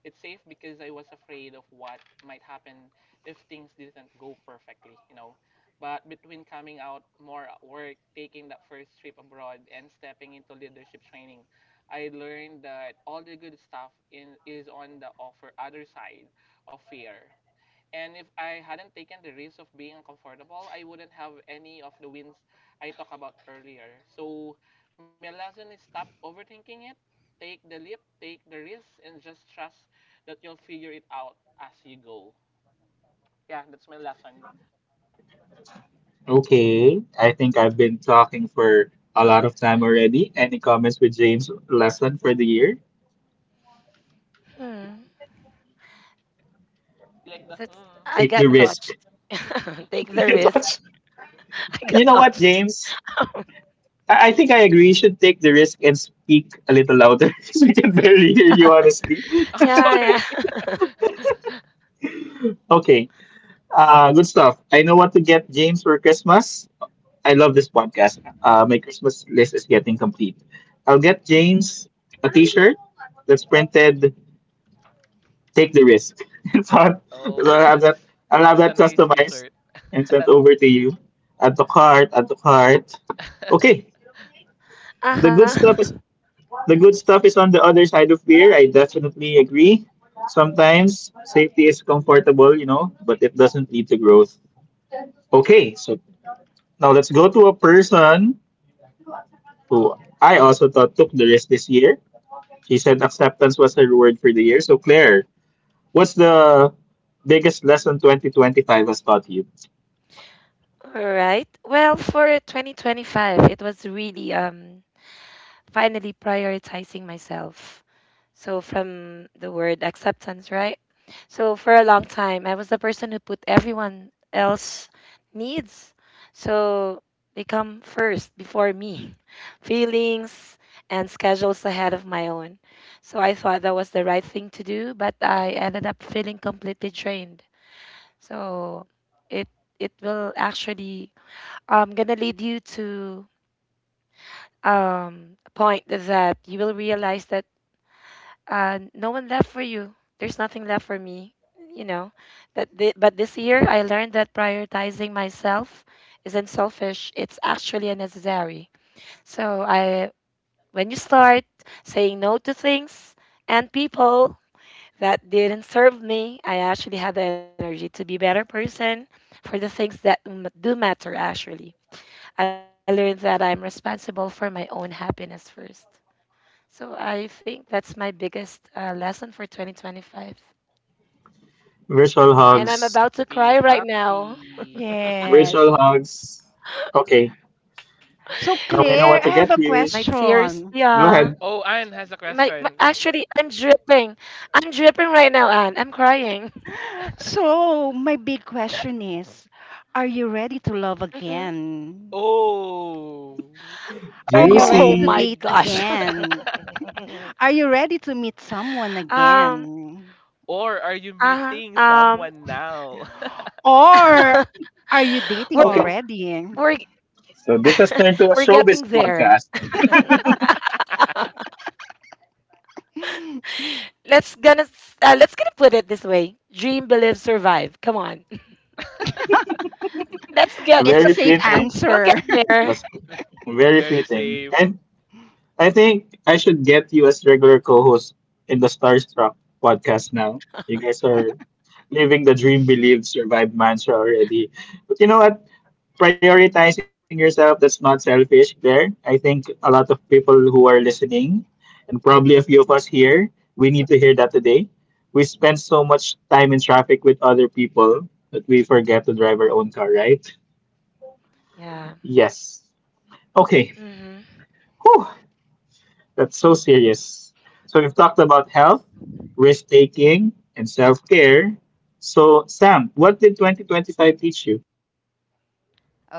Speaker 2: it safe because I was afraid of what might happen if things didn't go perfectly, you know. But between coming out more at work, taking that first trip abroad, and stepping into leadership training, I learned that all the good stuff in, is on the offer other side of fear. And if I hadn't taken the risk of being uncomfortable, I wouldn't have any of the wins I talked about earlier. So my lesson is stop overthinking it, take the leap, take the risk, and just trust that you'll figure it out as you go. Yeah, that's my lesson.
Speaker 1: Okay, I think I've been talking for a lot of time already. Any comments with James' lesson for the year?
Speaker 4: Hmm.
Speaker 2: I like the
Speaker 4: That's I
Speaker 1: Take
Speaker 4: got
Speaker 1: the
Speaker 2: hmm.
Speaker 1: risk.
Speaker 4: touched. Take the
Speaker 1: You
Speaker 4: risk. I got
Speaker 1: know what,
Speaker 4: touched.
Speaker 1: James? I I think I agree. You should take the risk and speak a little louder because we can barely hear you, honestly.
Speaker 2: Oh,
Speaker 4: Yeah,
Speaker 2: sorry.
Speaker 4: yeah.
Speaker 1: Okay, uh, good stuff. I know what to get James for Christmas. I love this podcast. Uh, my Christmas list is getting complete. I'll get James a T-shirt that's printed "Take the risk." so, I- so
Speaker 2: Oh,
Speaker 1: I'll have
Speaker 2: that's
Speaker 1: that. I'll have
Speaker 2: that's a
Speaker 1: that
Speaker 2: nice
Speaker 1: customized
Speaker 2: t-shirt.
Speaker 1: and sent over to you. Add to cart. Add to cart. Okay, the good stuff
Speaker 4: Uh-huh.
Speaker 1: is the good stuff is on the other side of fear. I definitely agree. Sometimes safety is comfortable, you know, but it doesn't lead to growth. Okay, so now let's go to a person who I also thought took the risk this year. She said acceptance was her word for the year. So, Claire, what's the biggest lesson twenty twenty-five has taught you?
Speaker 4: All right. Well, for twenty twenty-five, it was really um finally prioritizing myself. So, from the word acceptance, right? So, for a long time, I was the person who put everyone else needs. So, they come first before me, feelings and schedules ahead of my own. So, I thought that was the right thing to do, but I ended up feeling completely drained. So, it it will actually um gonna lead you to um a point that you will realize that uh, no one left for you. There's nothing left for me, you know. That thi- but this year I learned that prioritizing myself isn't selfish. It's actually a necessary. So I, when you start saying no to things and people that didn't serve me, I actually had the energy to be better person for the things that m- do matter. Actually, I learned that I'm responsible for my own happiness first. So I think that's my biggest uh, lesson for twenty twenty-five.
Speaker 1: Virtual
Speaker 4: And I'm
Speaker 1: hugs.
Speaker 4: about to
Speaker 2: Happy,
Speaker 4: cry right now.
Speaker 2: happy.
Speaker 3: Yes.
Speaker 1: Virtual hugs. Okay,
Speaker 3: So,
Speaker 1: now I know
Speaker 3: Claire, I
Speaker 1: what to
Speaker 3: have
Speaker 1: get
Speaker 3: a
Speaker 1: you.
Speaker 4: My
Speaker 3: question.
Speaker 4: tears,
Speaker 1: Go ahead.
Speaker 4: yeah.
Speaker 2: Oh, Anne has a
Speaker 4: My, my
Speaker 2: question.
Speaker 4: actually, I'm dripping. I'm dripping right now, Anne. I'm crying.
Speaker 3: So, my big question is, are you ready to love
Speaker 4: Hmm.
Speaker 3: again?
Speaker 2: Oh.
Speaker 3: Are you ready
Speaker 4: Oh
Speaker 3: to
Speaker 1: Juicy.
Speaker 4: my
Speaker 3: date
Speaker 4: gosh.
Speaker 3: again? Are you ready to meet someone
Speaker 4: Um.
Speaker 3: again?
Speaker 2: Or are you
Speaker 4: Uh-huh.
Speaker 2: meeting
Speaker 4: Um.
Speaker 2: someone now?
Speaker 3: Or are you dating
Speaker 4: we're
Speaker 1: Okay,
Speaker 3: already?
Speaker 4: we're
Speaker 1: so this has turned to a
Speaker 4: we're
Speaker 1: showbiz
Speaker 4: getting there.
Speaker 1: podcast.
Speaker 4: Let's gonna s- uh, let's gonna put it this way: dream, believe, survive. Come on, let's get
Speaker 3: it's a
Speaker 1: Very
Speaker 3: safe
Speaker 1: fitting.
Speaker 4: we'll get
Speaker 3: answer.
Speaker 4: there.
Speaker 1: That's very
Speaker 2: Very
Speaker 1: fitting.
Speaker 2: safe.
Speaker 1: And I think I should get you as regular co-host in the Starstruck podcast now. You guys are living the dream, believe, survive mantra already. But you know what? Prioritizing yourself, that's not selfish there. I think a lot of people who are listening, and probably a few of us here, we need to hear that today. We spend so much time in traffic with other people that we forget to drive our own car, right?
Speaker 4: Yeah.
Speaker 1: Yes. Okay.
Speaker 4: Hmm.
Speaker 1: Whew. That's so serious. So we've talked about health, risk taking, and self care. So, Sam, what did twenty twenty-five teach you?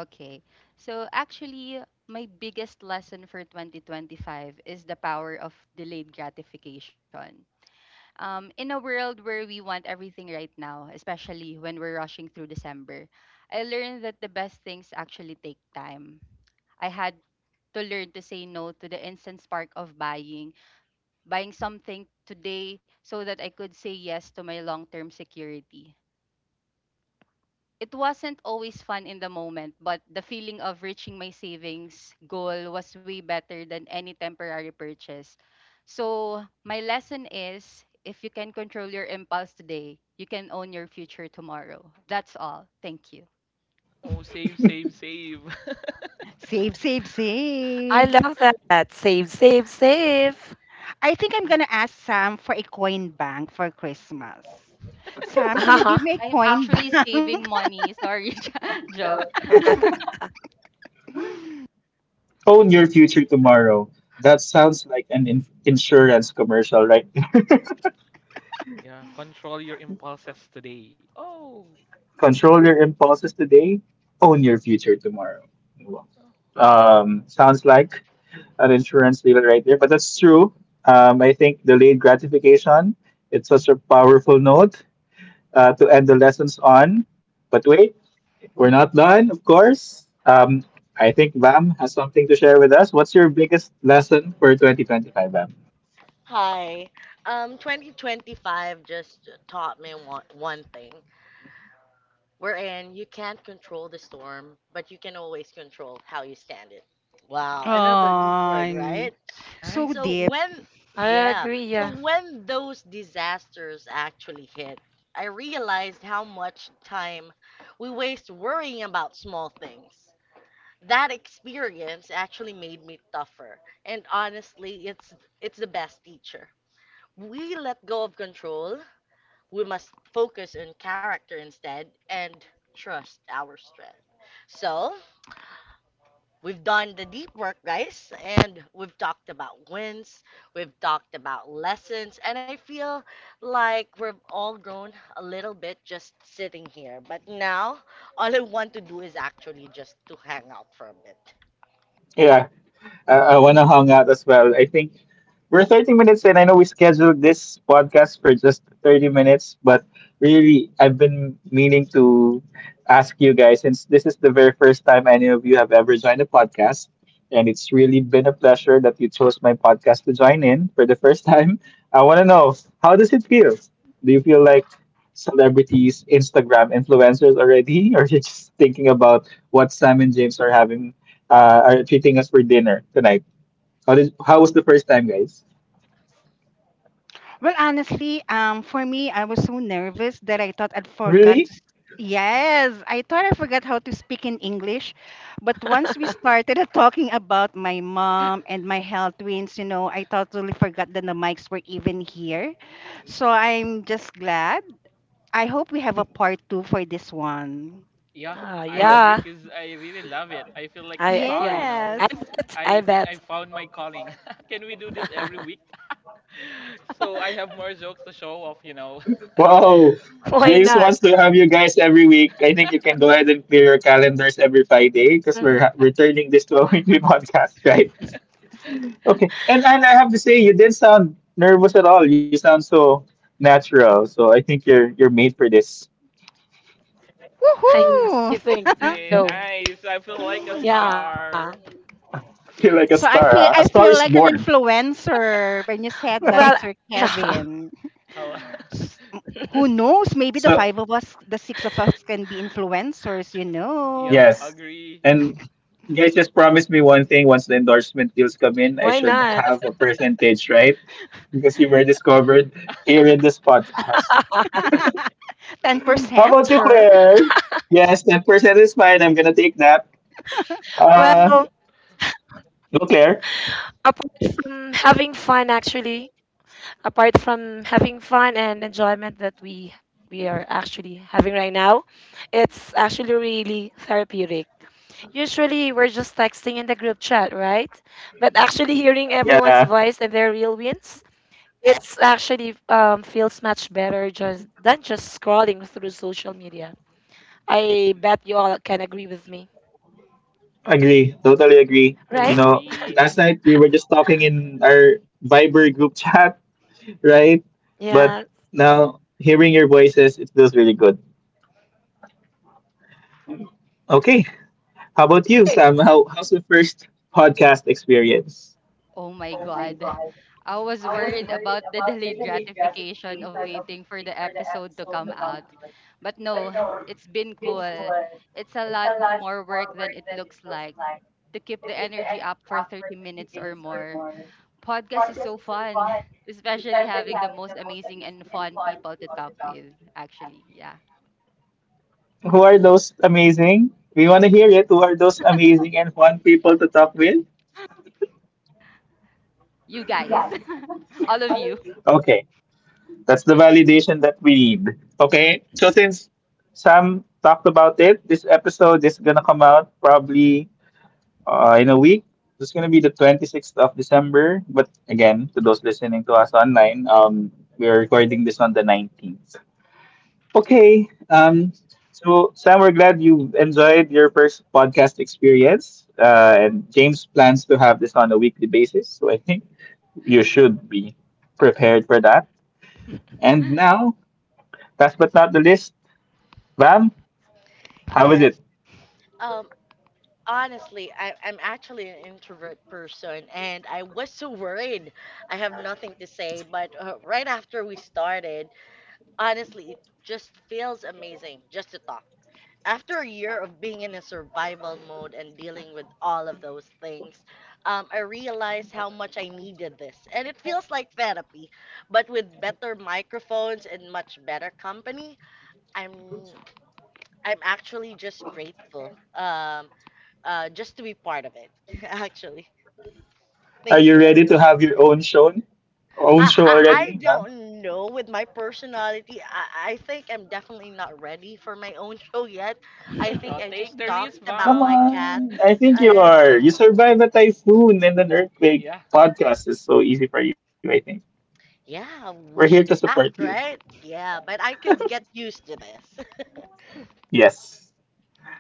Speaker 6: Okay. So actually, my biggest lesson for twenty twenty-five is the power of delayed gratification. Um, in a world where we want everything right now, especially when we're rushing through December, I learned that the best things actually take time. I had to learn to say no to the instant spark of buying, buying something today so that I could say yes to my long term security. It wasn't always fun in the moment, but the feeling of reaching my savings goal was way better than any temporary purchase. So my lesson is, if you can control your impulse today, you can own your future tomorrow. That's all. Thank you.
Speaker 2: Oh, save, save, save.
Speaker 3: save, save,
Speaker 4: I
Speaker 3: save.
Speaker 4: love that. Save, save,
Speaker 2: Yeah.
Speaker 4: save.
Speaker 3: I think I'm gonna ask Sam for a coin bank for Christmas. Sam, can you
Speaker 4: Uh-huh.
Speaker 3: give me a
Speaker 6: I'm
Speaker 3: coin bank?
Speaker 6: actually saving money. Sorry, jo- joke.
Speaker 1: Own your future tomorrow. That sounds like an in- insurance commercial, right?
Speaker 2: Yeah, control your impulses today. Oh,
Speaker 1: Control your impulses today, own your future tomorrow. Wow.
Speaker 2: oh,
Speaker 1: Um, sounds like an insurance deal right there, but that's true. Um, I think delayed gratification, it's such a powerful note uh, to end the lessons on. But wait, we're not done, of course. Um, I think Bam has something to share with us. What's your biggest lesson for twenty twenty-five, Bam?
Speaker 5: Hi. Um, twenty twenty-five just taught me one, one thing, wherein you can't control the storm, but you can always control how you stand it. Wow, another deep word,
Speaker 3: Oh,
Speaker 5: right?
Speaker 3: so
Speaker 2: nice.
Speaker 5: So
Speaker 3: deep.
Speaker 5: when,
Speaker 4: I
Speaker 5: yeah,
Speaker 4: agree. Yeah.
Speaker 5: so when those disasters actually hit, I realized how much time we waste worrying about small things. That experience actually made me tougher, and honestly, it's it's the best teacher. We let go of control, we must focus on character instead and trust our strength. So, we've done the deep work, guys, and we've talked about wins, we've talked about lessons, and I feel like we've all grown a little bit just sitting here. But now, all I want to do is actually just to hang out for a bit.
Speaker 1: Yeah, I, I want to hang out as well. I think we're thirty minutes in. I know we scheduled this podcast for just thirty minutes, but really, I've been meaning to ask you guys since this is the very first time any of you have ever joined a podcast. And it's really been a pleasure that you chose my podcast to join in for the first time. I want to know how does it feel? Do you feel like celebrities, Instagram influencers already, or you're just thinking about what Sam and James are having uh, are treating us for dinner tonight. How did? How was the first time, guys?
Speaker 3: Well, honestly, um, for me, I was so nervous that I thought I'd forgot. To...
Speaker 1: Really?
Speaker 3: s- Yes, I thought I forgot how to speak in English, but once we started talking about my mom and my health twins, you know, I totally forgot that the mics were even here. So I'm just glad. I hope we have a part two for this one.
Speaker 2: Yeah,
Speaker 4: Uh,
Speaker 2: I agree
Speaker 4: yeah.
Speaker 2: because I really love it. I feel like a
Speaker 4: I
Speaker 2: star,
Speaker 4: yeah.
Speaker 2: you know.
Speaker 3: Yes.
Speaker 4: I bet. I
Speaker 2: I think I
Speaker 4: bet.
Speaker 2: found my calling. Can we do this every week? So I have more jokes to show off, you know.
Speaker 1: Wow.
Speaker 4: Why
Speaker 1: James
Speaker 4: not?
Speaker 1: wants to have you guys every week. I think you can go ahead and clear your calendars every Friday because we're
Speaker 4: Hmm.
Speaker 1: ha- we're turning this to a weekly podcast, right? Okay. And and I have to say, you didn't sound nervous at all. You sound so natural. So I think you're you're made for this.
Speaker 4: I think
Speaker 3: Woohoo!
Speaker 4: so.
Speaker 2: Yeah, nice.
Speaker 4: Yeah.
Speaker 2: I feel like a star.
Speaker 1: You're like a
Speaker 3: so
Speaker 4: Well.
Speaker 3: I
Speaker 1: star.
Speaker 3: feel
Speaker 1: Huh?
Speaker 3: I
Speaker 1: A star
Speaker 3: feel
Speaker 4: Yeah.
Speaker 1: is
Speaker 3: like an
Speaker 1: born.
Speaker 3: influencer when you said that, Sir Kevin.
Speaker 2: Hello.
Speaker 3: S- m- Who knows? Maybe the
Speaker 1: So
Speaker 3: five of us, the six of us, can be influencers. You
Speaker 2: Yeah,
Speaker 3: know,
Speaker 1: yes.
Speaker 2: agree.
Speaker 4: Why
Speaker 1: And
Speaker 4: not?
Speaker 1: you guys just promised me one thing once the endorsement deals come in, I should have a percentage, right? Because you were discovered here in this podcast.
Speaker 3: ten
Speaker 1: How
Speaker 3: percent,
Speaker 1: about you,
Speaker 3: sir.
Speaker 1: Claire? Yes, ten percent
Speaker 4: Well,
Speaker 1: is fine. I'm gonna take that. Uh
Speaker 4: apart from having fun,
Speaker 1: no, Claire.
Speaker 4: actually, apart from having fun and enjoyment that we we are actually having right now, it's actually really therapeutic. Usually, we're just texting in the group chat, right? But actually, hearing everyone's voice and their real wins,
Speaker 1: Yeah,
Speaker 4: it's actually um, feels much better just than just scrolling through social media. I bet you all can agree with me,
Speaker 1: agree.
Speaker 4: right?
Speaker 1: Totally
Speaker 4: Mhm.
Speaker 1: agree. You know,
Speaker 2: Agree.
Speaker 1: last night we were just talking in our Viber group chat,
Speaker 4: Yeah.
Speaker 1: right? But now hearing your voices, it feels really good. Okay. How
Speaker 4: Okay.
Speaker 1: about you, Sam? How, how's the first podcast experience?
Speaker 6: Oh my God. I was worried about the delayed gratification of waiting for the episode to come out. But no, it's been cool. It's a lot more work than it looks like to keep the energy up for thirty minutes or more. Podcast is so fun, especially having the most amazing and fun people to talk with, actually. Yeah.
Speaker 1: Who are those amazing? We want to hear it. Who are those amazing and fun people to talk with?
Speaker 6: You guys, all of you.
Speaker 1: Okay, that's the validation that we need. Okay, so since Sam talked about it, this episode is going to come out probably uh, in a week. It's going to be the twenty-sixth of December. But again, to those listening to us online, um, we're recording this on the nineteenth. Okay. Um, so, Sam, we're glad you enjoyed your first podcast experience. Uh, and James plans to have this on a weekly basis. So, I think you should be prepared for that. And now, last but not the least, Bam, how is
Speaker 5: Yes.
Speaker 1: it?
Speaker 5: Um, Honestly, I, I'm actually an introvert person, and I was so worried. I have nothing to say, but uh, right after we started, honestly, it just feels amazing just to talk. After a year of being in a survival mode and dealing with all of those things, um, I realized how much I needed this. And it feels like therapy, but with better microphones and much better company, I'm I'm actually just grateful, um, uh, just to be part of it, actually.
Speaker 1: Are
Speaker 5: Thank
Speaker 1: you
Speaker 5: you,
Speaker 1: ready to
Speaker 5: everyone.
Speaker 1: have your own show?
Speaker 5: I,
Speaker 1: Own show
Speaker 5: I, I
Speaker 1: already, Bam?
Speaker 5: don't know with my personality. I, I think I'm definitely not ready for my own show yet. I think
Speaker 2: Uh,
Speaker 5: I just
Speaker 2: take the risk,
Speaker 5: talked about
Speaker 1: Come
Speaker 5: my
Speaker 2: mom.
Speaker 5: cats
Speaker 1: on. I think you
Speaker 2: Come
Speaker 5: and
Speaker 1: are.
Speaker 2: on.
Speaker 1: You survived a typhoon and an earthquake.
Speaker 2: Yeah.
Speaker 1: Podcast is so easy for you, I think.
Speaker 5: yeah,
Speaker 1: We're here
Speaker 5: we
Speaker 1: to
Speaker 5: should
Speaker 1: support you.
Speaker 5: adapt, right? Yeah, but I could get used to this.
Speaker 1: Yes.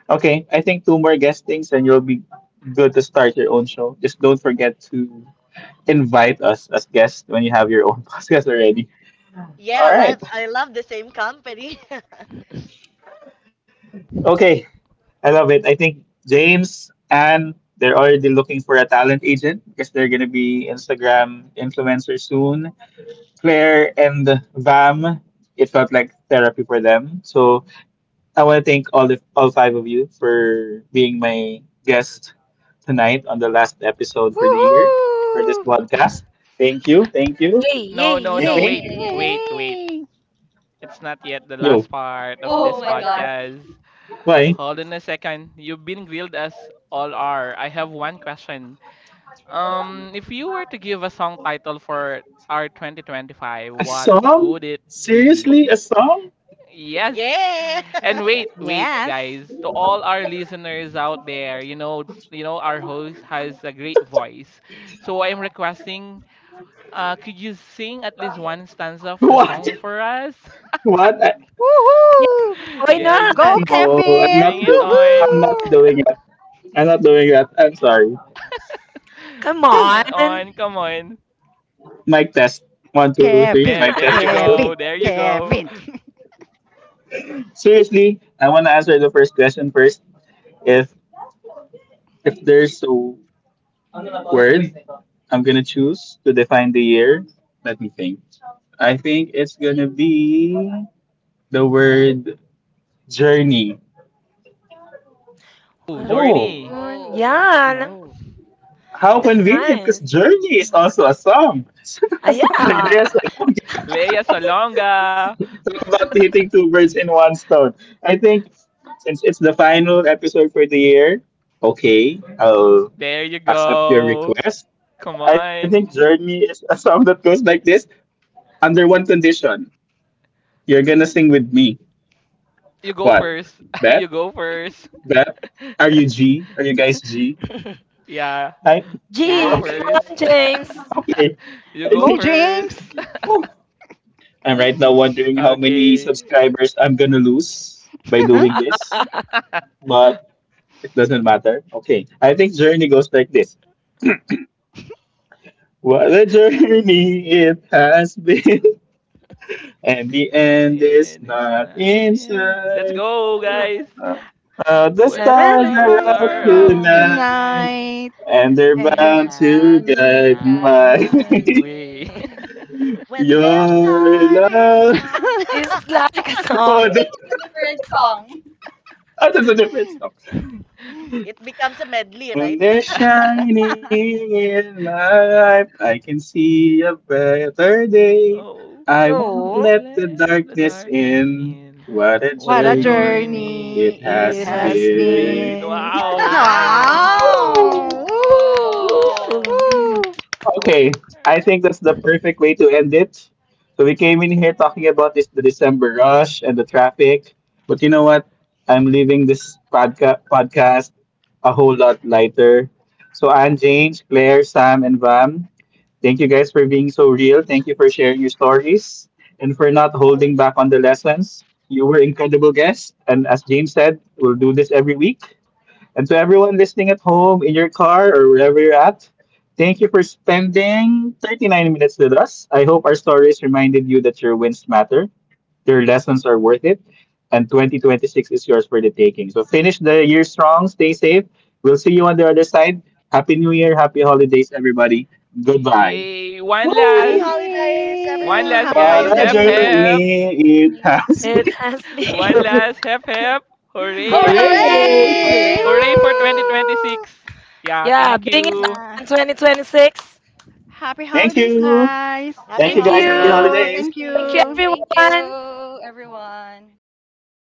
Speaker 1: Okay, I think two more guestings and you'll be good to start your own show. Just don't forget to invite us as guests when you have your own podcast already.
Speaker 5: Yeah,
Speaker 1: All
Speaker 5: I love,
Speaker 1: right.
Speaker 5: I love the same company.
Speaker 1: Okay, I love it. I think James and they're already looking for a talent agent because they're going to be Instagram influencers soon. Claire and Vam, it felt like therapy for them. So I want to thank all the all five of you for being my guest tonight on the last episode for the year for this
Speaker 3: Woohoo!
Speaker 1: podcast. Thank you, thank you.
Speaker 4: Yay! Yay!
Speaker 2: No, no,
Speaker 1: I
Speaker 2: no.
Speaker 4: Yay!
Speaker 1: think.
Speaker 2: Wait,
Speaker 6: Hey.
Speaker 2: wait, wait.
Speaker 3: Yay!
Speaker 2: It's not yet the
Speaker 1: yo
Speaker 2: last part of
Speaker 6: Oh
Speaker 2: this
Speaker 6: my God.
Speaker 2: podcast.
Speaker 1: why
Speaker 2: Hold on a second. You've been grilled as all are. I have one question. Um, if you were to give a song title for our twenty twenty-five,
Speaker 1: a
Speaker 2: what
Speaker 1: song?
Speaker 2: would it
Speaker 1: Seriously,
Speaker 2: be?
Speaker 1: a song?
Speaker 2: Yes.
Speaker 5: Yeah!
Speaker 2: And wait, wait,
Speaker 3: Yes.
Speaker 2: guys. To all our listeners out there, you know, you know, our host has a great voice. So I'm requesting, uh, could you sing at least one stanza of the
Speaker 1: What?
Speaker 2: song for us?
Speaker 1: What? I,
Speaker 4: Yeah.
Speaker 3: Woohoo!
Speaker 4: Why
Speaker 2: Yes.
Speaker 3: Go,
Speaker 4: not?
Speaker 1: no, I'm not
Speaker 3: Kevin!
Speaker 2: Bring it
Speaker 1: doing. I'm
Speaker 2: on.
Speaker 1: not
Speaker 3: Woohoo!
Speaker 1: doing that. I'm not doing that. I'm sorry.
Speaker 4: Come
Speaker 1: Whew.
Speaker 2: Bring
Speaker 4: on.
Speaker 2: it on. Come on.
Speaker 1: Mic test. One, two, three. Mic
Speaker 3: Kevin,
Speaker 2: There,
Speaker 1: test.
Speaker 2: there
Speaker 1: One,
Speaker 2: you
Speaker 1: two.
Speaker 2: go.
Speaker 3: Kevin,
Speaker 2: There you go.
Speaker 3: Kevin.
Speaker 1: Seriously, I want to answer the first question first. If If there's a word I'm gonna choose to define the year, let me think. I think it's gonna be the word journey.
Speaker 2: Oh,
Speaker 4: What a
Speaker 1: Oh,
Speaker 2: Zorni.
Speaker 4: turn.
Speaker 6: Oh.
Speaker 4: Yeah. No,
Speaker 3: No.
Speaker 1: how
Speaker 4: that's
Speaker 1: convenient because
Speaker 4: nice.
Speaker 1: journey is also a song. So
Speaker 4: Ah,
Speaker 1: a
Speaker 6: Oh.
Speaker 1: song like
Speaker 4: yeah.
Speaker 1: this. And okay,
Speaker 2: Leia Salonga.
Speaker 1: talk about hitting two birds in one stone. I think since it's the final episode for the year, okay, I'll
Speaker 2: There you
Speaker 1: accept your
Speaker 2: go.
Speaker 1: request.
Speaker 2: Come
Speaker 1: I think
Speaker 2: on.
Speaker 1: journey is a song that goes like this. Under one condition, you're gonna sing with me.
Speaker 2: You go
Speaker 1: What?
Speaker 2: first. You
Speaker 1: Bet?
Speaker 2: go first.
Speaker 1: Bet? Are you G? Are you guys G? G?
Speaker 2: Yeah,
Speaker 1: I,
Speaker 2: you
Speaker 6: Yeah,
Speaker 2: go
Speaker 4: Gee,
Speaker 1: okay.
Speaker 4: come
Speaker 6: sure.
Speaker 4: on,
Speaker 2: first.
Speaker 4: James.
Speaker 1: Okay.
Speaker 2: You
Speaker 1: I
Speaker 2: go
Speaker 3: Go,
Speaker 1: think.
Speaker 2: first.
Speaker 3: James!
Speaker 1: Oh. I'm right now wondering how many
Speaker 2: Okay.
Speaker 1: subscribers I'm gonna lose by
Speaker 3: but
Speaker 1: doing this, but it doesn't matter. Okay. I think journey goes like this. What a journey it has been, and the
Speaker 2: And
Speaker 1: end
Speaker 2: then
Speaker 1: is
Speaker 2: it's
Speaker 1: not
Speaker 2: not
Speaker 1: in
Speaker 2: in. Let's
Speaker 1: sight.
Speaker 2: go, guys.
Speaker 1: Uh, uh, the
Speaker 2: When the
Speaker 1: stars are
Speaker 2: stars
Speaker 3: songs
Speaker 1: out
Speaker 2: are
Speaker 3: were
Speaker 5: They're
Speaker 3: up
Speaker 2: out,
Speaker 5: out
Speaker 4: Na-na-na-na-na-na.
Speaker 1: tonight.
Speaker 5: tonight
Speaker 6: Yeah.
Speaker 3: tonight,
Speaker 1: And
Speaker 5: and
Speaker 1: they're
Speaker 3: and
Speaker 6: And
Speaker 5: they're
Speaker 6: they're
Speaker 3: then
Speaker 1: bound to
Speaker 6: bound
Speaker 5: bound to
Speaker 3: too.
Speaker 6: to
Speaker 2: I
Speaker 1: guide
Speaker 2: got
Speaker 5: guide
Speaker 6: guide
Speaker 5: my
Speaker 1: my
Speaker 6: my
Speaker 2: my
Speaker 5: way.
Speaker 2: way.
Speaker 6: way.
Speaker 5: When there's
Speaker 1: your
Speaker 5: are
Speaker 1: love.
Speaker 5: shining on.
Speaker 4: It's like a
Speaker 6: I think
Speaker 1: Oh,
Speaker 4: song.
Speaker 6: it's
Speaker 1: that-
Speaker 6: a different song.
Speaker 1: that's a different song.
Speaker 5: It becomes a medley,
Speaker 1: When
Speaker 5: right?
Speaker 1: they're shining in my life, I can see a better day.
Speaker 2: Oh,
Speaker 1: I
Speaker 2: I
Speaker 1: won't
Speaker 4: No.
Speaker 2: won't
Speaker 1: let the
Speaker 2: let the
Speaker 1: darkness
Speaker 2: darkness
Speaker 1: in.
Speaker 2: in.
Speaker 1: What a
Speaker 2: What
Speaker 3: What
Speaker 2: a
Speaker 5: What
Speaker 3: a
Speaker 5: a
Speaker 1: journey
Speaker 2: journey
Speaker 1: it
Speaker 5: journey.
Speaker 3: journey
Speaker 2: it
Speaker 3: it
Speaker 5: It
Speaker 4: It
Speaker 1: has
Speaker 5: has...
Speaker 2: has
Speaker 4: has
Speaker 3: has
Speaker 6: It
Speaker 1: been.
Speaker 2: been.
Speaker 6: has
Speaker 3: been.
Speaker 4: been.
Speaker 2: Wow, nice.
Speaker 6: been.
Speaker 1: Ooh.
Speaker 5: Wow.
Speaker 3: wow!
Speaker 6: Whoa!
Speaker 3: Woo!
Speaker 4: Woo!
Speaker 3: Woo!
Speaker 1: Okay, I think that's the perfect way to end it. So we came in here talking about this the December rush and the traffic, but you know what? I'm leaving this podca- podcast a whole lot lighter. So Anne, James, Claire, Sam, and Vam, thank you guys for being so real. Thank you for sharing your stories and for not holding back on the lessons. You were incredible guests, and as James said, we'll do this every week. And to everyone listening at home, in your car, or wherever you're at, thank you for spending thirty-nine minutes with us. I hope our stories reminded you that your wins matter, your lessons are worth it, and twenty twenty-six is yours for the taking. So finish the year strong, stay safe. We'll see you on the other side. Happy New Year, happy holidays, everybody. Goodbye.
Speaker 2: Yay! One
Speaker 5: Happy
Speaker 2: last!
Speaker 1: Woo!
Speaker 5: holidays,
Speaker 2: One
Speaker 3: Yay!
Speaker 2: last,
Speaker 3: Happy
Speaker 1: What
Speaker 2: guys!
Speaker 5: everyone.
Speaker 1: a
Speaker 2: Help,
Speaker 3: holidays!
Speaker 2: help!
Speaker 1: journey it
Speaker 6: Only—
Speaker 1: has
Speaker 4: It has
Speaker 2: One
Speaker 4: been.
Speaker 1: been.
Speaker 2: last! Help, help!
Speaker 1: Hooray!
Speaker 2: Hooray!
Speaker 3: Hooray!
Speaker 4: Hooray!
Speaker 5: Hooray!
Speaker 2: Hooray for
Speaker 6: Hooray!
Speaker 3: Woo!
Speaker 2: twenty twenty-six! Yeah,
Speaker 4: Yeah,
Speaker 2: thank
Speaker 4: bring it
Speaker 2: you.
Speaker 3: Yeah.
Speaker 4: on twenty twenty-six.
Speaker 3: Happy
Speaker 1: Thank
Speaker 3: holidays,
Speaker 1: you.
Speaker 3: guys.
Speaker 5: Happy
Speaker 1: Thank you
Speaker 4: Thank
Speaker 3: Thank
Speaker 2: Thank
Speaker 1: guys. Happy
Speaker 2: you.
Speaker 5: holidays.
Speaker 4: you.
Speaker 3: you.
Speaker 5: Thank
Speaker 1: holidays.
Speaker 3: Thank
Speaker 4: Thank you,
Speaker 5: you.
Speaker 6: Thank
Speaker 3: you.
Speaker 4: everyone.
Speaker 6: you, everyone.